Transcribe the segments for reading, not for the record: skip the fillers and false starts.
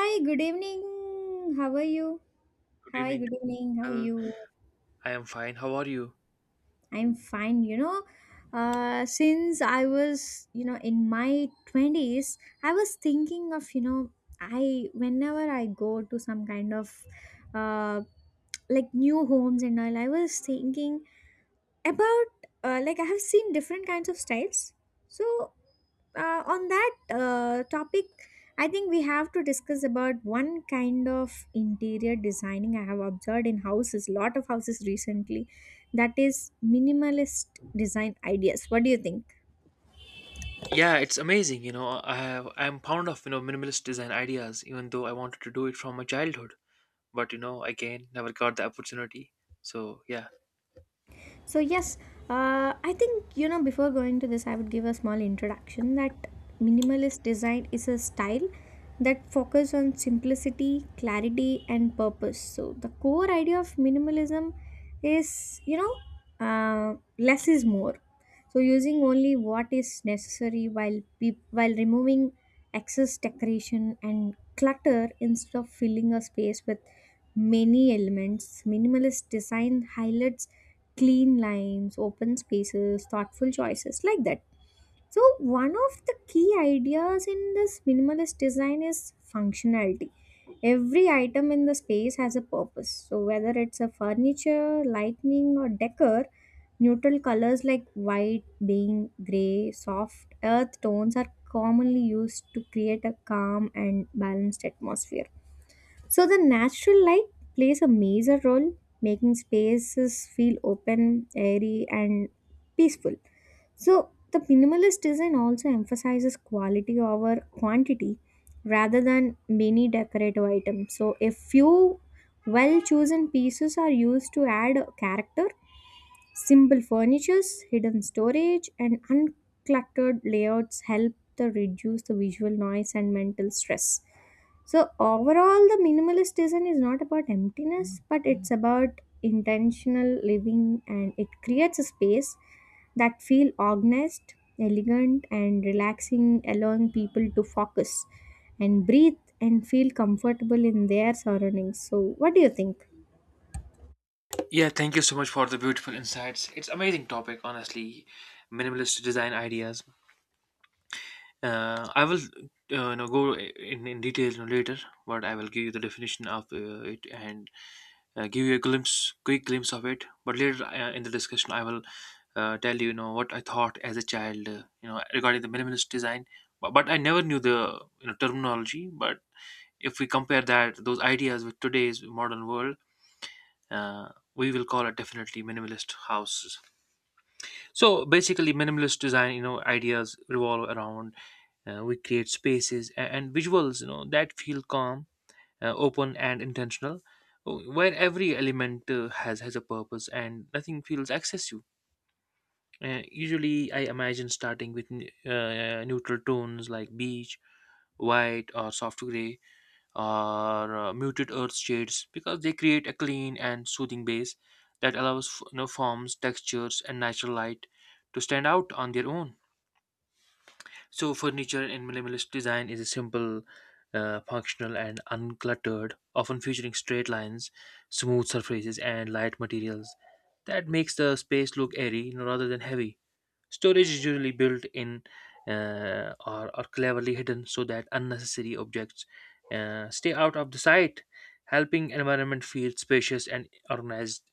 Hi, good evening. How are you? Good Hi, evening. good evening. How are Well, you? I am fine. How are you? I'm fine. Since I was, you know, in my 20s, I was thinking of, whenever I go to some kind of uh, like new homes and all, I was thinking about, like, I have seen different kinds of styles. So, on that topic, I think we have to discuss about one kind of interior designing. I have observed in houses, lot of houses recently, that is minimalist design ideas. What do you think? Yeah, it's amazing. You know, I'm fond of minimalist design ideas, even though I wanted to do it from my childhood. But again, never got the opportunity. So yeah, So, yes, I think, you know, before going to this, I would give a small introduction that minimalist design is a style that focuses on simplicity, clarity, and purpose. So, the core idea of minimalism is, less is more. So, using only what is necessary while peop while removing excess decoration and clutter instead of filling a space with many elements. Minimalist design highlights clean lines, open spaces, thoughtful choices like that. So, one of the key ideas in this minimalist design is functionality. Every item in the space has a purpose. So, whether it's a furniture, lighting, or decor, neutral colors like white, beige, gray, soft earth tones are commonly used to create a calm and balanced atmosphere. So the natural light plays a major role, making spaces feel open, airy, and peaceful. So the minimalist design also emphasizes quality over quantity rather than many decorative items. So a few well chosen pieces are used to add character, simple furnitures, hidden storage, and uncluttered layouts help to reduce the visual noise and mental stress. So overall, the minimalist design is not about emptiness, but it's about intentional living, and it creates a space that feel organized, elegant, and relaxing, allowing people to focus and breathe and feel comfortable in their surroundings. So, what do you think? yeah. Thank you so much for the beautiful insights. It's amazing topic, honestly. Minimalist design ideas. I will no, go in detail no later, but I will give you the definition of it, and give you a quick glimpse of it. But later, in the discussion, I will tell you, you know what I thought as a child, regarding the minimalist design. But I never knew the terminology. But if we compare that those ideas with today's modern world, we will call it definitely minimalist houses. So basically, minimalist design, ideas revolve around, we create spaces and visuals, that feel calm, open, and intentional, oh, where every element has a purpose and nothing feels excessive. Usually, I imagine starting with neutral tones like beige, white, or soft gray, or muted earth shades, because they create a clean and soothing base that allows forms, textures, and natural light to stand out on their own. So, furniture in minimalist design is a simple, functional, and uncluttered, often featuring straight lines, smooth surfaces, and light materials. That makes the space look airy, rather than heavy. Storage is usually built in, or cleverly hidden so that unnecessary objects stay out of the sight, helping environment feel spacious and organized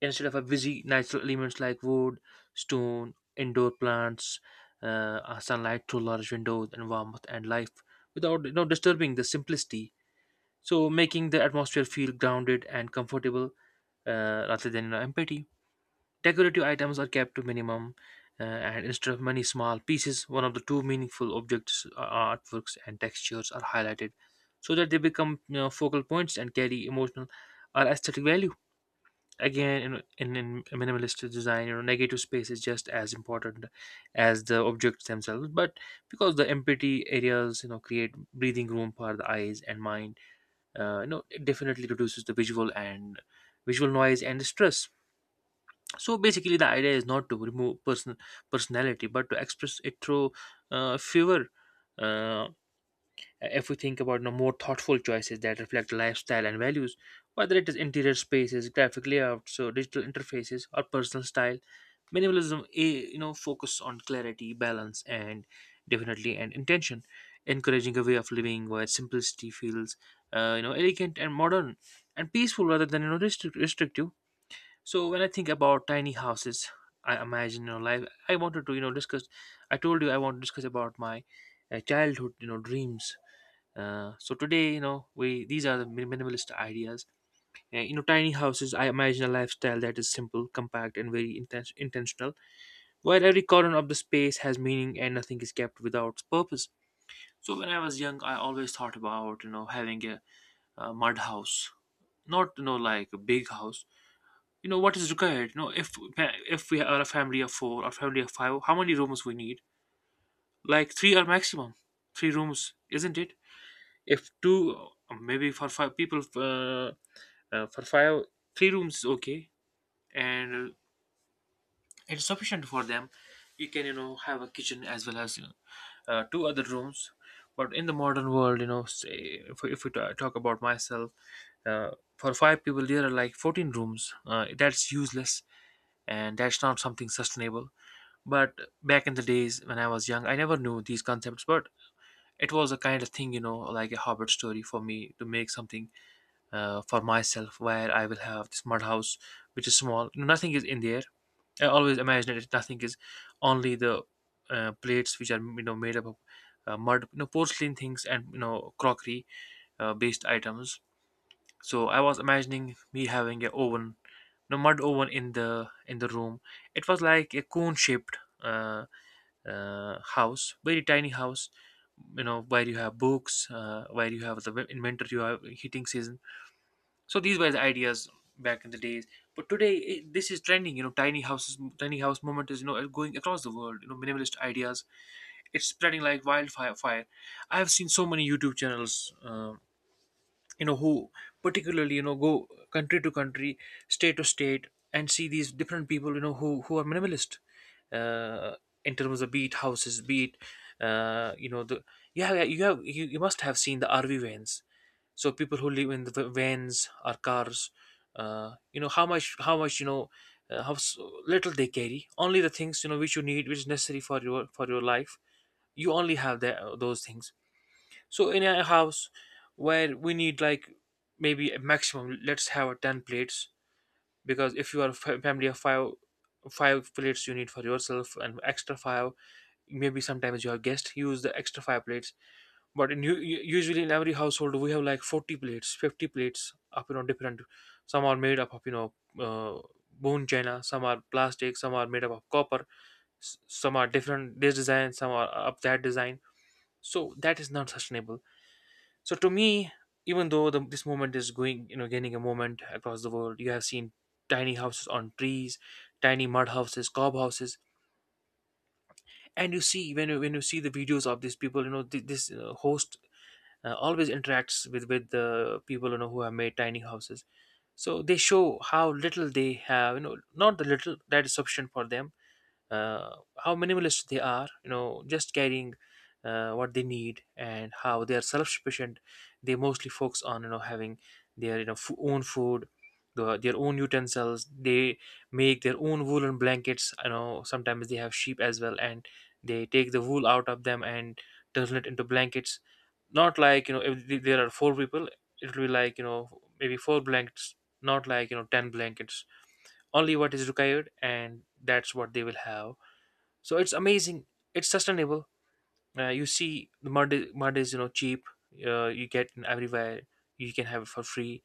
instead of a busy natural elements like wood, stone, indoor plants, uh, sunlight through large windows, and warmth and life without, disturbing the simplicity. So, making the atmosphere feel grounded and comfortable, rather than, empty. Decorative items are kept to minimum, and instead of many small pieces, one of the two meaningful objects, artworks, and textures are highlighted so that they become, focal points, and carry emotional or aesthetic value. Again, in a minimalist design, negative space is just as important as the objects themselves. But because the empty areas, create breathing room for the eyes and mind, it definitely reduces the visual noise and the stress. So basically, the idea is not to remove personality, but to express it through fewer. uh, If we think about, more thoughtful choices that reflect lifestyle and values, whether it is interior spaces, graphic layouts, or digital interfaces, or personal style, minimalism, a focus on clarity, balance, and definitely and intention, encouraging a way of living where simplicity feels, elegant and modern and peaceful rather than, restrictive. So when I think about tiny houses, I imagine, life. I wanted to, discuss. I told you I want to discuss about my childhood, dreams. So today, we these are the minimalist ideas. Tiny houses. I imagine a lifestyle that is simple, compact, and very intentional, where every corner of the space has meaning and nothing is kept without purpose. So when I was young, I always thought about, having a mud house, not, like a big house. You know what is required. You know, if we are a family of four or family of five, how many rooms we need? Like three are maximum. Three rooms, isn't it? If two, maybe for five people. For five, three rooms is okay. And it's sufficient for them. You can, have a kitchen, as well as, two other rooms. But in the modern world, say, if we talk about myself, uh, for five people there are like 14 rooms. That's useless, and that's not something sustainable. But back in the days, when I was young, I never knew these concepts. But it was a kind of thing, like a hobbit story for me, to make something, for myself, where I will have this mud house, which is small. No, nothing is in there. I always imagine it. Nothing is only the, plates, which are, made up of, mud, porcelain things, and, crockery, based items. So I was imagining me having a oven, no mud oven in the room. It was like a cone shaped, uh, house, very tiny house. You know, where you have books, where you have in winter, you have heating season. So these were the ideas back in the days. But today, this is trending. You know, tiny houses, tiny house movement is, going across the world. You know, minimalist ideas. It's spreading like wildfire. Fire. I have seen so many YouTube channels, who particularly, go country to country, state to state, and see these different people, who are minimalist, uh, in terms of, be it houses, be it, you know the yeah, yeah. You must have seen the RV vans. So people who live in the vans or cars, how much you know how little they carry, only the things, which you need, which is necessary for your life. You only have those things. So in a house, where we need like maybe a maximum, let's have a 10 plates. Because if you are a family of five, five plates you need for yourself, and extra five. Maybe sometimes your guest use the extra five plates. But in usually in every household we have like 40 plates, 50 plates up, different. Some are made up of, uh, bone china, some are plastic, some are made up of copper, some are different, this design, some are of that design. So that is not sustainable. So to me, even though this movement is going, gaining a moment across the world, you have seen tiny houses on trees, tiny mud houses, cob houses. And you see, when you see the videos of these people, this host always interacts with the people, who have made tiny houses. So they show how little they have, not the little that is sufficient for them, how minimalist they are, just carrying what they need, and how they are self-sufficient. They mostly focus on, having their, own food, their own utensils. They make their own woolen blankets, sometimes they have sheep as well, and they take the wool out of them and turn it into blankets. Not like, if there are four people, it will be like, maybe four blankets. Not like, 10 blankets. Only what is required, and that's what they will have. So it's amazing. It's sustainable. You see, the mud is, cheap. You get in everywhere, you can have it for free.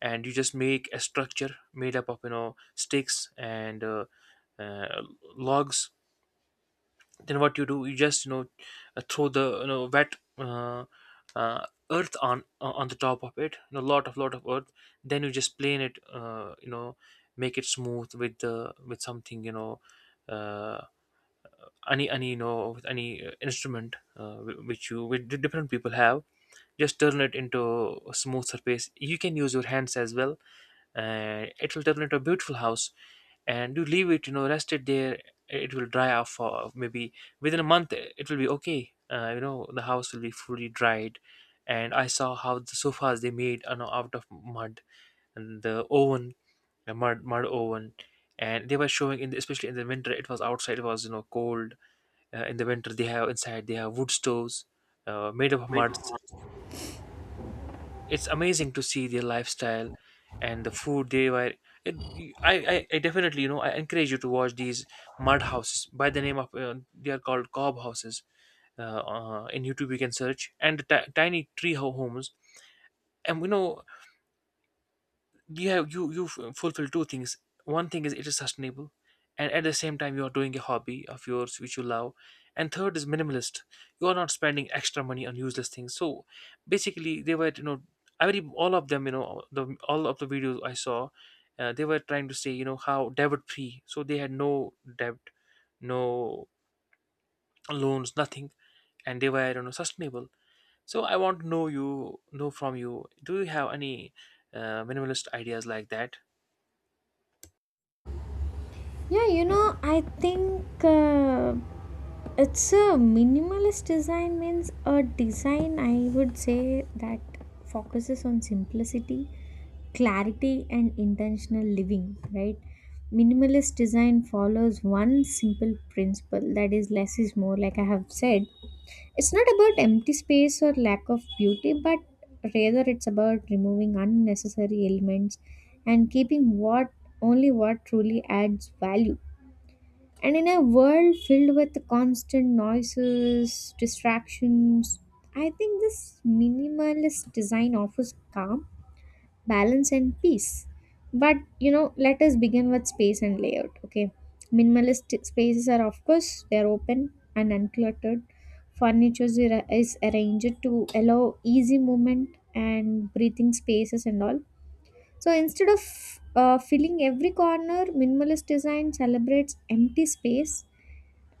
And you just make a structure made up of, sticks and, uh, logs. Then what you do, you just, throw the, wet, uh, earth on the top of it, lot of earth. Then you just plane it, make it smooth, with something, you know uh, any you know with any instrument, wh- which you which di- different people have. Just turn it into a smooth surface, you can use your hands as well. And it will turn into a beautiful house, and you leave it, rest it there. It will dry off for maybe within a month. It will be okay. The house will be fully dried. And I saw how the sofas they made, out of mud, and the oven, the mud oven. And they were showing in especially in the winter, it was outside, it was, cold. In the winter they have inside, they have wood stoves, made of muds. It's amazing to see their lifestyle. And the food they were, it, I definitely, I encourage you to watch these mud houses. By the name of, they are called cob houses. In YouTube you can search, and tiny tree ho- homes. And you know Yeah, you fulfill two things. One thing is it is sustainable, and at the same time you are doing a hobby of yours which you love, and third is minimalist. You are not spending extra money on useless things. So basically, they were, you know, every all of them, you know, the all of the videos I saw, they were trying to say, you know, how debt free, so they had no debt, no loans, nothing. And they were, you know, sustainable. So I want to know, you know, from you, do you have any minimalist ideas like that? Yeah, you know, I think it's a minimalist design means a design I would say that focuses on simplicity, clarity and intentional living, right? Minimalist design follows one simple principle, that is less is more, like I have said. It's not about empty space or lack of beauty, but rather it's about removing unnecessary elements and keeping what truly adds value. And in a world filled with constant noises, distractions, I think this minimalist design offers calm, balance, and peace. But you know, let us begin with space and layout. Okay, minimalist spaces are, of course, they're open and uncluttered. Furniture is arranged to allow easy movement and breathing spaces and all. So instead of filling every corner, minimalist design celebrates empty space,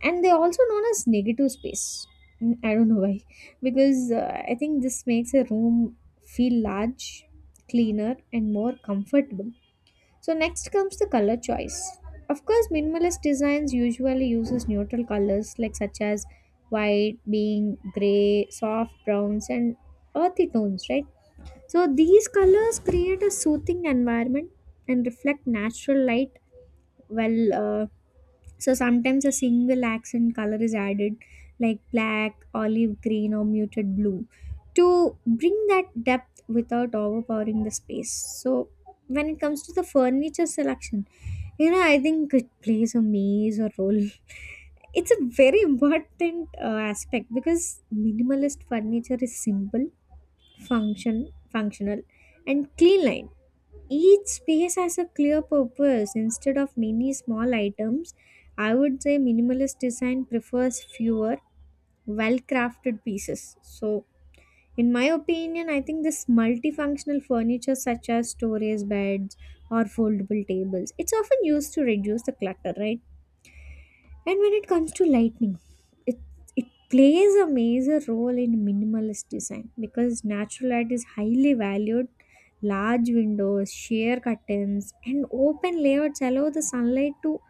and they're also known as negative space. I don't know why. Because I think this makes a room feel large, cleaner and more comfortable. So next comes the color choice. Of course minimalist designs usually uses neutral colors like such as white, being gray, soft browns and earthy tones, right? So these colors create a soothing environment and reflect natural light. Well uh, so sometimes a single accent color is added, like black, olive green, or muted blue, to bring that depth without overpowering the space. So when it comes to the furniture selection, you know, I think it plays a major role. It's a very important aspect because minimalist furniture is simple, functional, and clean line. Each space has a clear purpose instead of many small items. I would say minimalist design prefers fewer well crafted pieces. So, in my opinion, I think this multifunctional furniture, such as storage beds or foldable tables, it's often used to reduce the clutter, right? And when it comes to lighting, it it plays a major role in minimalist design because natural light is highly valued. Large windows, sheer curtains, and open layouts allow the sunlight to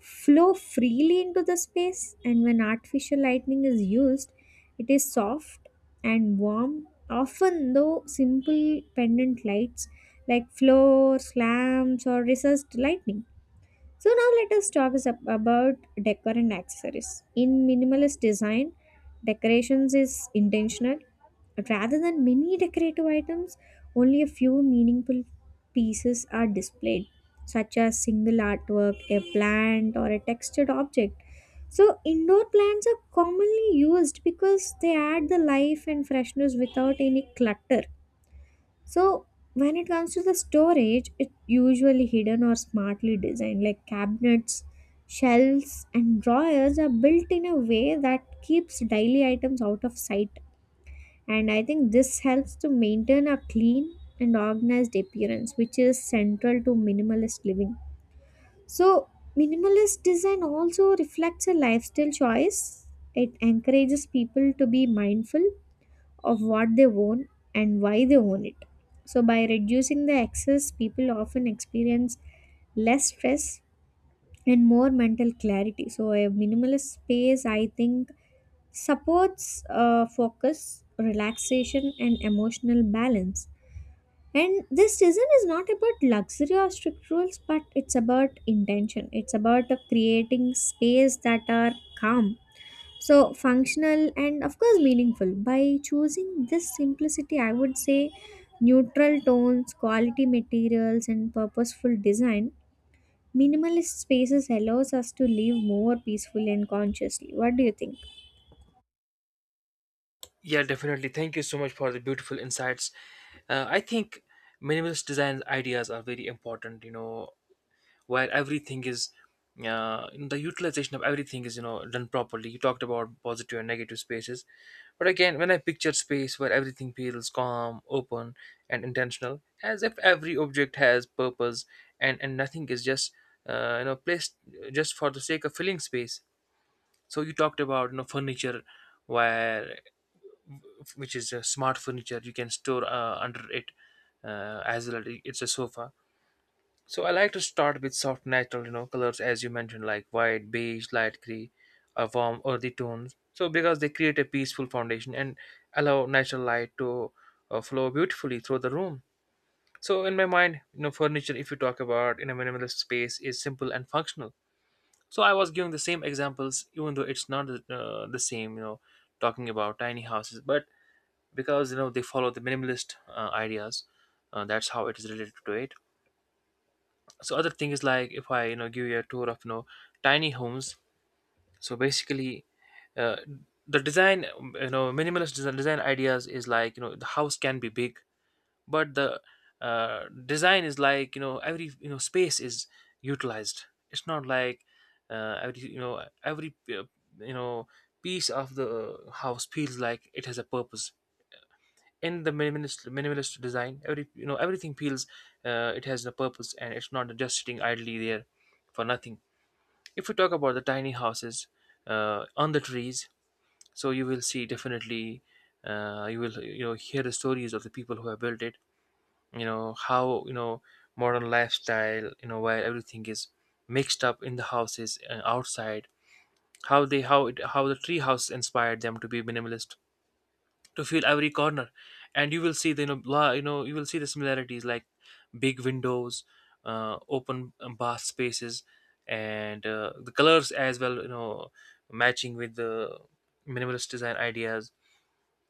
flow freely into the space. And when artificial lighting is used, it is soft and warm. Often, though, simple pendant lights like floors, lamps, or recessed lighting. So now let us talk about decor and accessories. In minimalist design, decorations is intentional. Rather than many decorative items, only a few meaningful pieces are displayed, such as single artwork, a plant, or a textured object. So indoor plants are commonly used because they add the life and freshness without any clutter. So when it comes to the storage, it's usually hidden or smartly designed, like cabinets, shelves, and drawers are built in a way that keeps daily items out of sight. And I think this helps to maintain a clean and organized appearance, which is central to minimalist living. So, minimalist design also reflects a lifestyle choice. It encourages people to be mindful of what they own and why they own it. So, by reducing the excess, people often experience less stress and more mental clarity. So, a minimalist space, I think, supports focus, relaxation, and emotional balance. And this season is not about luxury or strict rules, but it's about intention. It's about creating space that are calm, so functional and of course meaningful. By choosing this simplicity, I would say neutral tones, quality materials and purposeful design, minimalist spaces allows us to live more peacefully and consciously. What do you think? Yeah, definitely. Thank you so much for the beautiful insights. I think minimalist design ideas are very important. You know, where everything is, in the utilization of everything is, you know, done properly. You talked about positive and negative spaces, but again, when I picture space where everything feels calm, open, and intentional, as if every object has purpose, and nothing is just you know, placed just for the sake of filling space. So you talked about, you know, furniture where which is a smart furniture, you can store under it as well, it's a sofa. So I like to start with soft natural, you know, colors as you mentioned, like white, beige, light gray, or warm earthy tones, so because they create a peaceful foundation and allow natural light to flow beautifully through the room. So in my mind, you know, furniture, if you talk about in a minimalist space, is simple and functional. So I was giving the same examples even though it's not the same, you know, talking about tiny houses, but because, you know, they follow the minimalist ideas, that's how it is related to it. So other thing is like, if I, you know, give you a tour of, you know, tiny homes. So basically, uh, the design you know, minimalist design, design ideas is like, you know, the house can be big, but the design is like, you know, every, you know, space is utilized. It's not like every, you know, every you know, piece of the house feels like it has a purpose. In the minimalist design, every, you know, everything feels it has a purpose, and it's not just sitting idly there for nothing. If we talk about the tiny houses on the trees, so you will see definitely you will, you know, hear the stories of the people who have built it, you know, how, you know, modern lifestyle, you know, where everything is mixed up in the houses and outside, how they how it how the tree house inspired them to be minimalist, to feel every corner. And you will see the, you know, you know, you will see the similarities like big windows, open bath spaces, and the colors as well, you know, matching with the minimalist design ideas.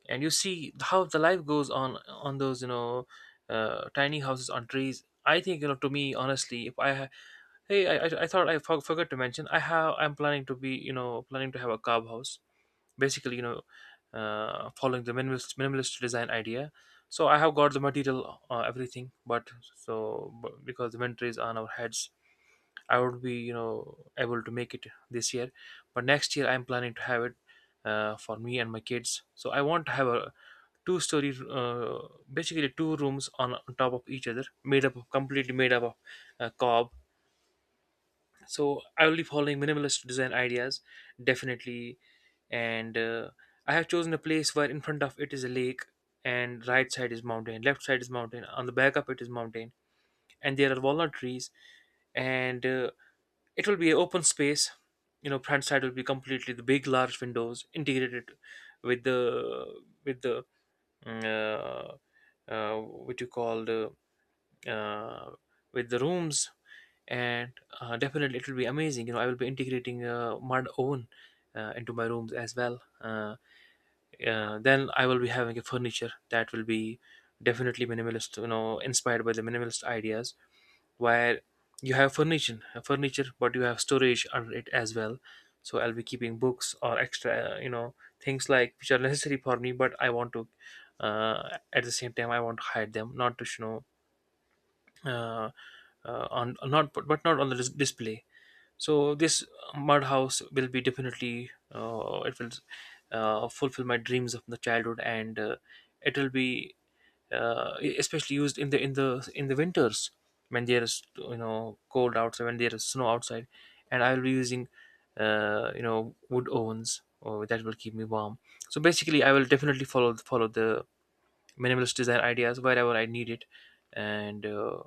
And you see how the life goes on those, you know, tiny houses on trees. I think, you know, to me honestly, if I hey, I thought I forgot to mention, I have I'm planning to be, you know, planning to have a cob house, basically, you know, following the minimalist design idea. So I have got the material, everything, but so but because the winter is on our heads, I would be, you know, able to make it this year, but next year I'm planning to have it for me and my kids. So I want to have a two story basically two rooms on top of each other, made up of completely made up of cob. So I will be following minimalist design ideas, definitely. And I have chosen a place where in front of it is a lake, and right side is mountain, left side is mountain, on the back of it is mountain. And there are walnut trees. And it will be an open space. You know, front side will be completely the big large windows integrated with the with the mm, uh, what you call the uh, with the rooms. And definitely it will be amazing, you know, I will be integrating mud oven into my rooms as well. Then I will be having a furniture that will be definitely minimalist, you know, inspired by the minimalist ideas, where you have furniture but you have storage under it as well. So I'll be keeping books or extra, you know, things like which are necessary for me, but I want to at the same time, I want to hide them, not to, you know, uh, on not but but not on the display. So this mud house will be definitely it will fulfill my dreams of the childhood. And it will be especially used in the in the winters, when there is, you know, cold outside, when there is snow outside, and I will be using you know, wood ovens or that will keep me warm. So basically, I will definitely follow the minimalist design ideas wherever I need it, and. Uh,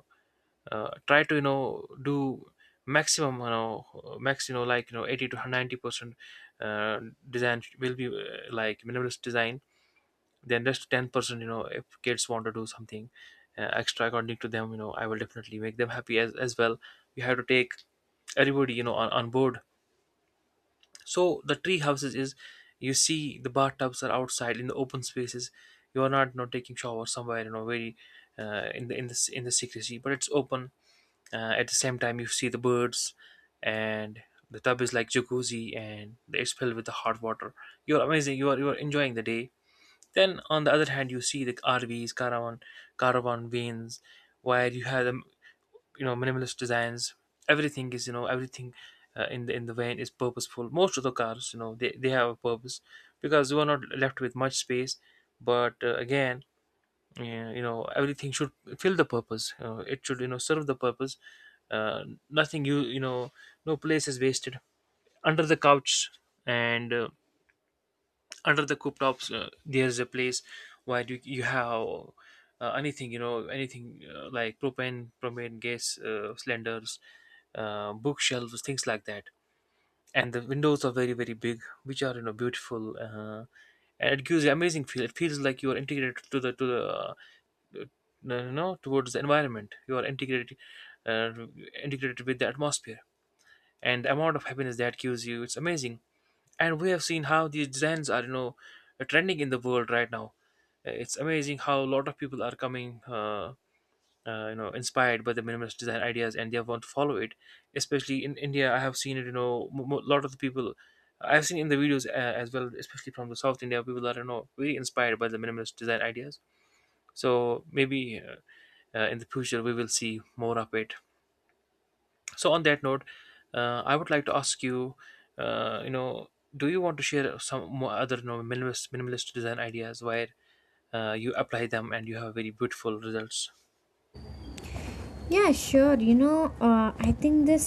uh, try to, you know, do maximum, you know, max, you know, like, you know, 80 to 90% uh, design will be like minimalist design, then just 10%, you know, if kids want to do something extra according to them, you know, I will definitely make them happy as well. You have to take everybody, you know, on board. So the tree houses is, you see the bathtubs are outside in the open spaces. You are not, you know, taking shower somewhere, you know, very in the in the secrecy, but it's open. At the same time, you see the birds, and the tub is like jacuzzi, and it's filled with the hot water. You're amazing. You are enjoying the day. Then on the other hand, you see the RVs, caravan, caravan vans, where you have them, you know, minimalist designs. Everything is, you know, everything in the van is purposeful. Most of the cars, you know, they have a purpose, because you are not left with much space. But again, yeah, you know, everything should fill the purpose, it should, you know, serve the purpose, nothing you you know, no place is wasted, under the couch and under the cooptops, there's a place where you have anything, you know, anything, like propane gas, cylinders, bookshelves, things like that. And the windows are very very big, which are, you know, beautiful, and it gives you amazing feel. It feels like you are integrated to the to the you know, towards the environment, you are integrated, uh, integrated with the atmosphere. And the amount of happiness that gives you, it's amazing. And we have seen how these designs are, you know, trending in the world right now. It's amazing how a lot of people are coming uh, you know, inspired by the minimalist design ideas and they want to follow it, especially in India. I have seen it, you know, a lot of the people I've seen in the videos, as well, especially from the south India, people that are, you know, very inspired by the minimalist design ideas. So maybe in the future we will see more of it. So on that note, I would like to ask you you know, do you want to share some more other, you know, minimalist design ideas where you apply them and you have very beautiful results? Yeah, sure, you know, I think this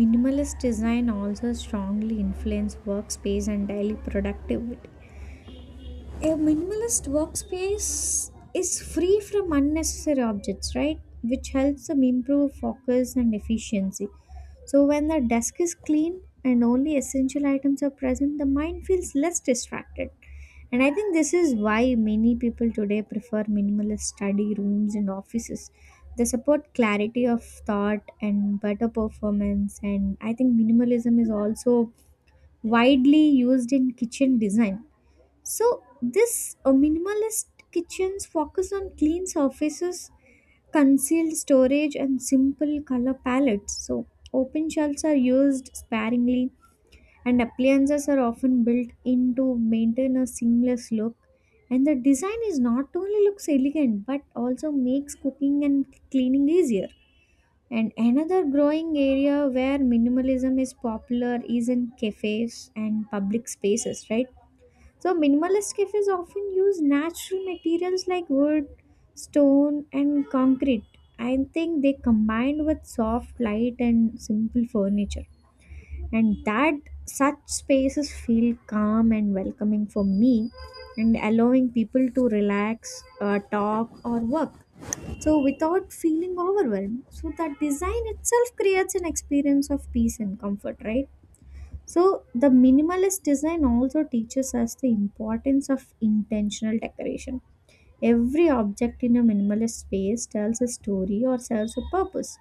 minimalist design also strongly influence workspace and daily productivity. A minimalist workspace is free from unnecessary objects, right? Which helps them improve focus and efficiency. So, when the desk is clean and only essential items are present, the mind feels less distracted. And I think this is why many people today prefer minimalist study rooms and offices. They support clarity of thought and better performance. And I think minimalism is also widely used in kitchen design. So this minimalist kitchens focus on clean surfaces, concealed storage and simple color palettes. So open shelves are used sparingly and appliances are often built in to maintain a seamless look. And the design is not only looks elegant but also makes cooking and cleaning easier. And another growing area where minimalism is popular is in cafes and public spaces, right? So, minimalist cafes often use natural materials like wood, stone, and concrete. I think they combined with soft light and simple furniture, and that such spaces feel calm and welcoming for me and allowing people to relax, talk, or work. So, without feeling overwhelmed, so that design itself creates an experience of peace and comfort, right? So, the minimalist design also teaches us the importance of intentional decoration. Every object in a minimalist space tells a story or serves a purpose.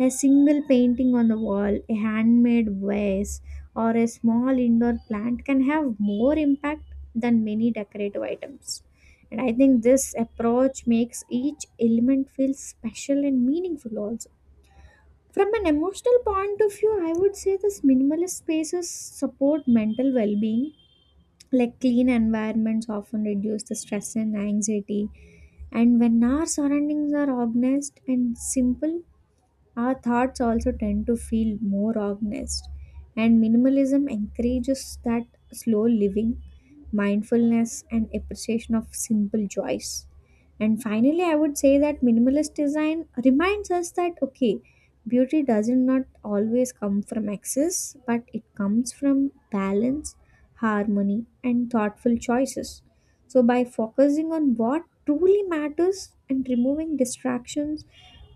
A single painting on the wall, a handmade vase, or a small indoor plant can have more impact than many decorative items. And I think this approach makes each element feel special and meaningful also. From an emotional point of view, I would say this minimalist spaces support mental well-being. Like clean environments often reduce the stress and anxiety. And when our surroundings are organized and simple, our thoughts also tend to feel more organized, and minimalism encourages that slow living, mindfulness, and appreciation of simple joys. And finally, I would say that minimalist design reminds us that okay, beauty doesn't not always come from excess, but it comes from balance, harmony, and thoughtful choices. So, by focusing on what truly matters and removing distractions,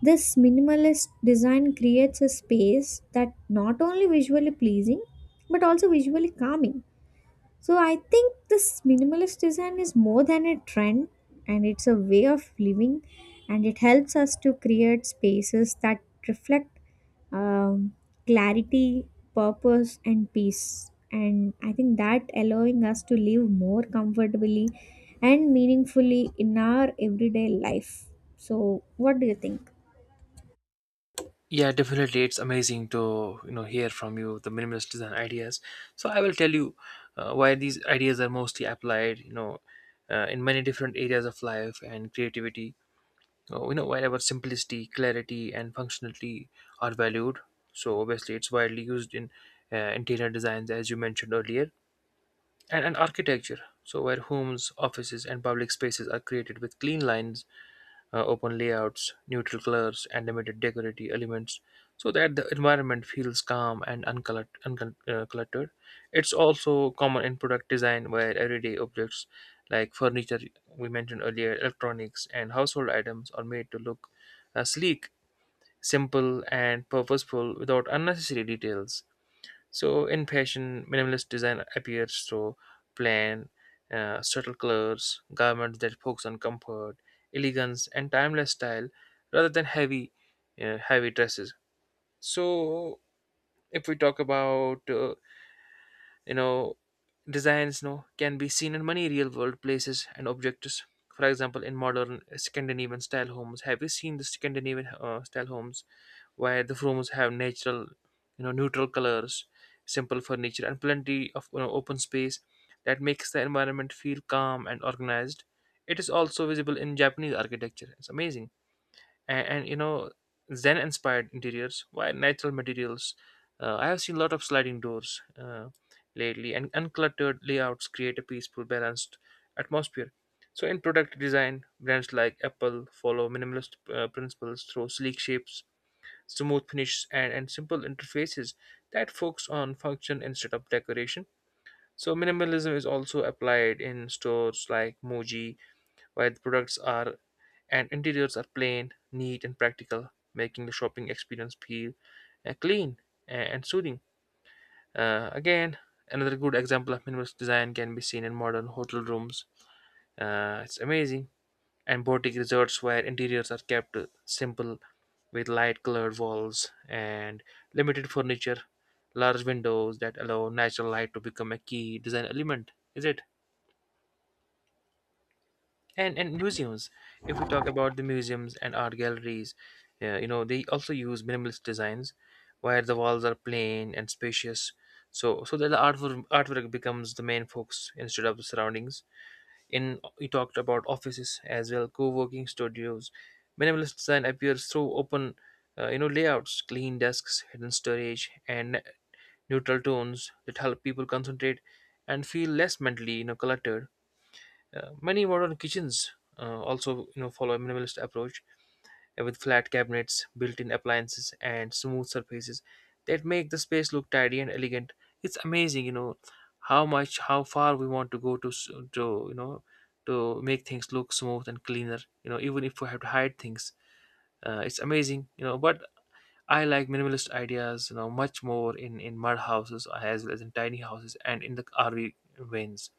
this minimalist design creates a space that not only visually pleasing but also visually calming. So I think this minimalist design is more than a trend, and it's a way of living, and it helps us to create spaces that reflect um, clarity, purpose and peace. And I think that allowing us to live more comfortably and meaningfully in our everyday life. So what do you think? Yeah, definitely. It's amazing to, you know, hear from you the minimalist design ideas. So I will tell you why these ideas are mostly applied. You know, in many different areas of life and creativity. You know, wherever simplicity, clarity, and functionality are valued. So obviously, it's widely used in interior designs, as you mentioned earlier, and architecture. So where homes, offices, and public spaces are created with clean lines, open layouts, neutral colors, and limited decorative elements, so that the environment feels calm and uncluttered. It's also common in product design, where everyday objects like furniture, we mentioned earlier, electronics, and household items are made to look sleek, simple, and purposeful without unnecessary details. So in fashion, minimalist design appears through plain, subtle colors, garments that focus on comfort, elegance, and timeless style, rather than heavy dresses. So if we talk about you know designs can be seen in many real world places and objects, for example in modern Scandinavian style homes. Have you seen the Scandinavian style homes where the rooms have natural, neutral colors, simple furniture, and plenty of open space that makes the environment feel calm and organized? It is also visible in Japanese architecture. It's amazing. And Zen inspired interiors, why natural materials. I have seen a lot of sliding doors lately, and uncluttered layouts create a peaceful, balanced atmosphere. So in product design, brands like Apple follow minimalist principles through sleek shapes, smooth finishes, and simple interfaces that focus on function instead of decoration. So minimalism is also applied in stores like Muji, where the products are and interiors are plain, neat, and practical, making the shopping experience feel clean and soothing. Again, another good example of minimalist design can be seen in modern hotel rooms. It's amazing. And boutique resorts where interiors are kept simple, with light colored walls and limited furniture, large windows that allow natural light to become a key design element. Is it? And museums, if we talk about the museums and art galleries, yeah, they also use minimalist designs where the walls are plain and spacious, so that the artwork becomes the main focus instead of the surroundings. In, we talked about offices as well, co-working studios, minimalist design appears through open layouts, clean desks, hidden storage, and neutral tones that help people concentrate and feel less mentally cluttered. Many modern kitchens also follow a minimalist approach with flat cabinets, built-in appliances, and smooth surfaces that make the space look tidy and elegant. It's amazing, how far we want to go to to make things look smooth and cleaner. You know, even if we have to hide things, it's amazing. But I like minimalist ideas, much more in mud houses as well as in tiny houses and in the RV vans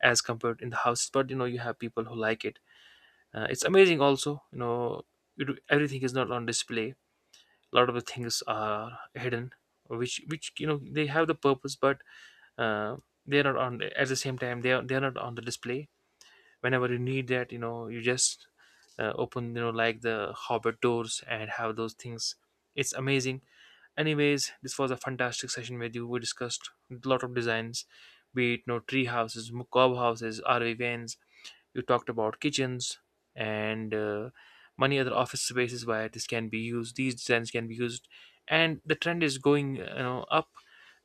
as compared in the houses. But you have people who like it. It's amazing also. You, everything is not on display, a lot of the things are hidden, which they have the purpose, but uh, they're not on, at the same time they are, they're not on the display. Whenever you need that, you just open, like the hobbit doors, and have those things. It's amazing. Anyways, this was a fantastic session with you. We discussed a lot of designs, be it no know tree houses, mob houses, RV vans. You talked about kitchens and many other office spaces where this can be used, these designs can be used. And the trend is going up,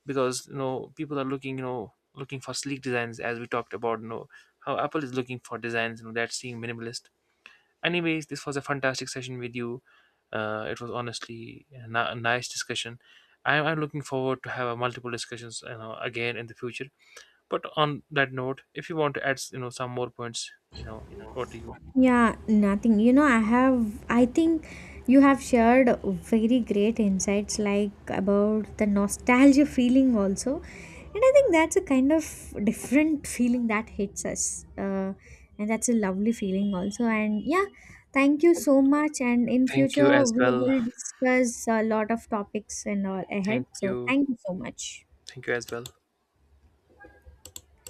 because people are looking, for sleek designs. As we talked about, how Apple is looking for designs, that seem minimalist. Anyways, this was a fantastic session with you. It was honestly a nice discussion. I'm looking forward to have multiple discussions, again in the future. But on that note, if you want to add, some more points, what do you? Yeah, nothing. I think you have shared very great insights like about the nostalgia feeling also. And I think that's a kind of different feeling that hits us. And that's a lovely feeling also. And yeah, thank you so much. And in Thank future, you as we well. will discuss a lot of topics and all ahead. Thank So you. thank you so much. Thank you as well.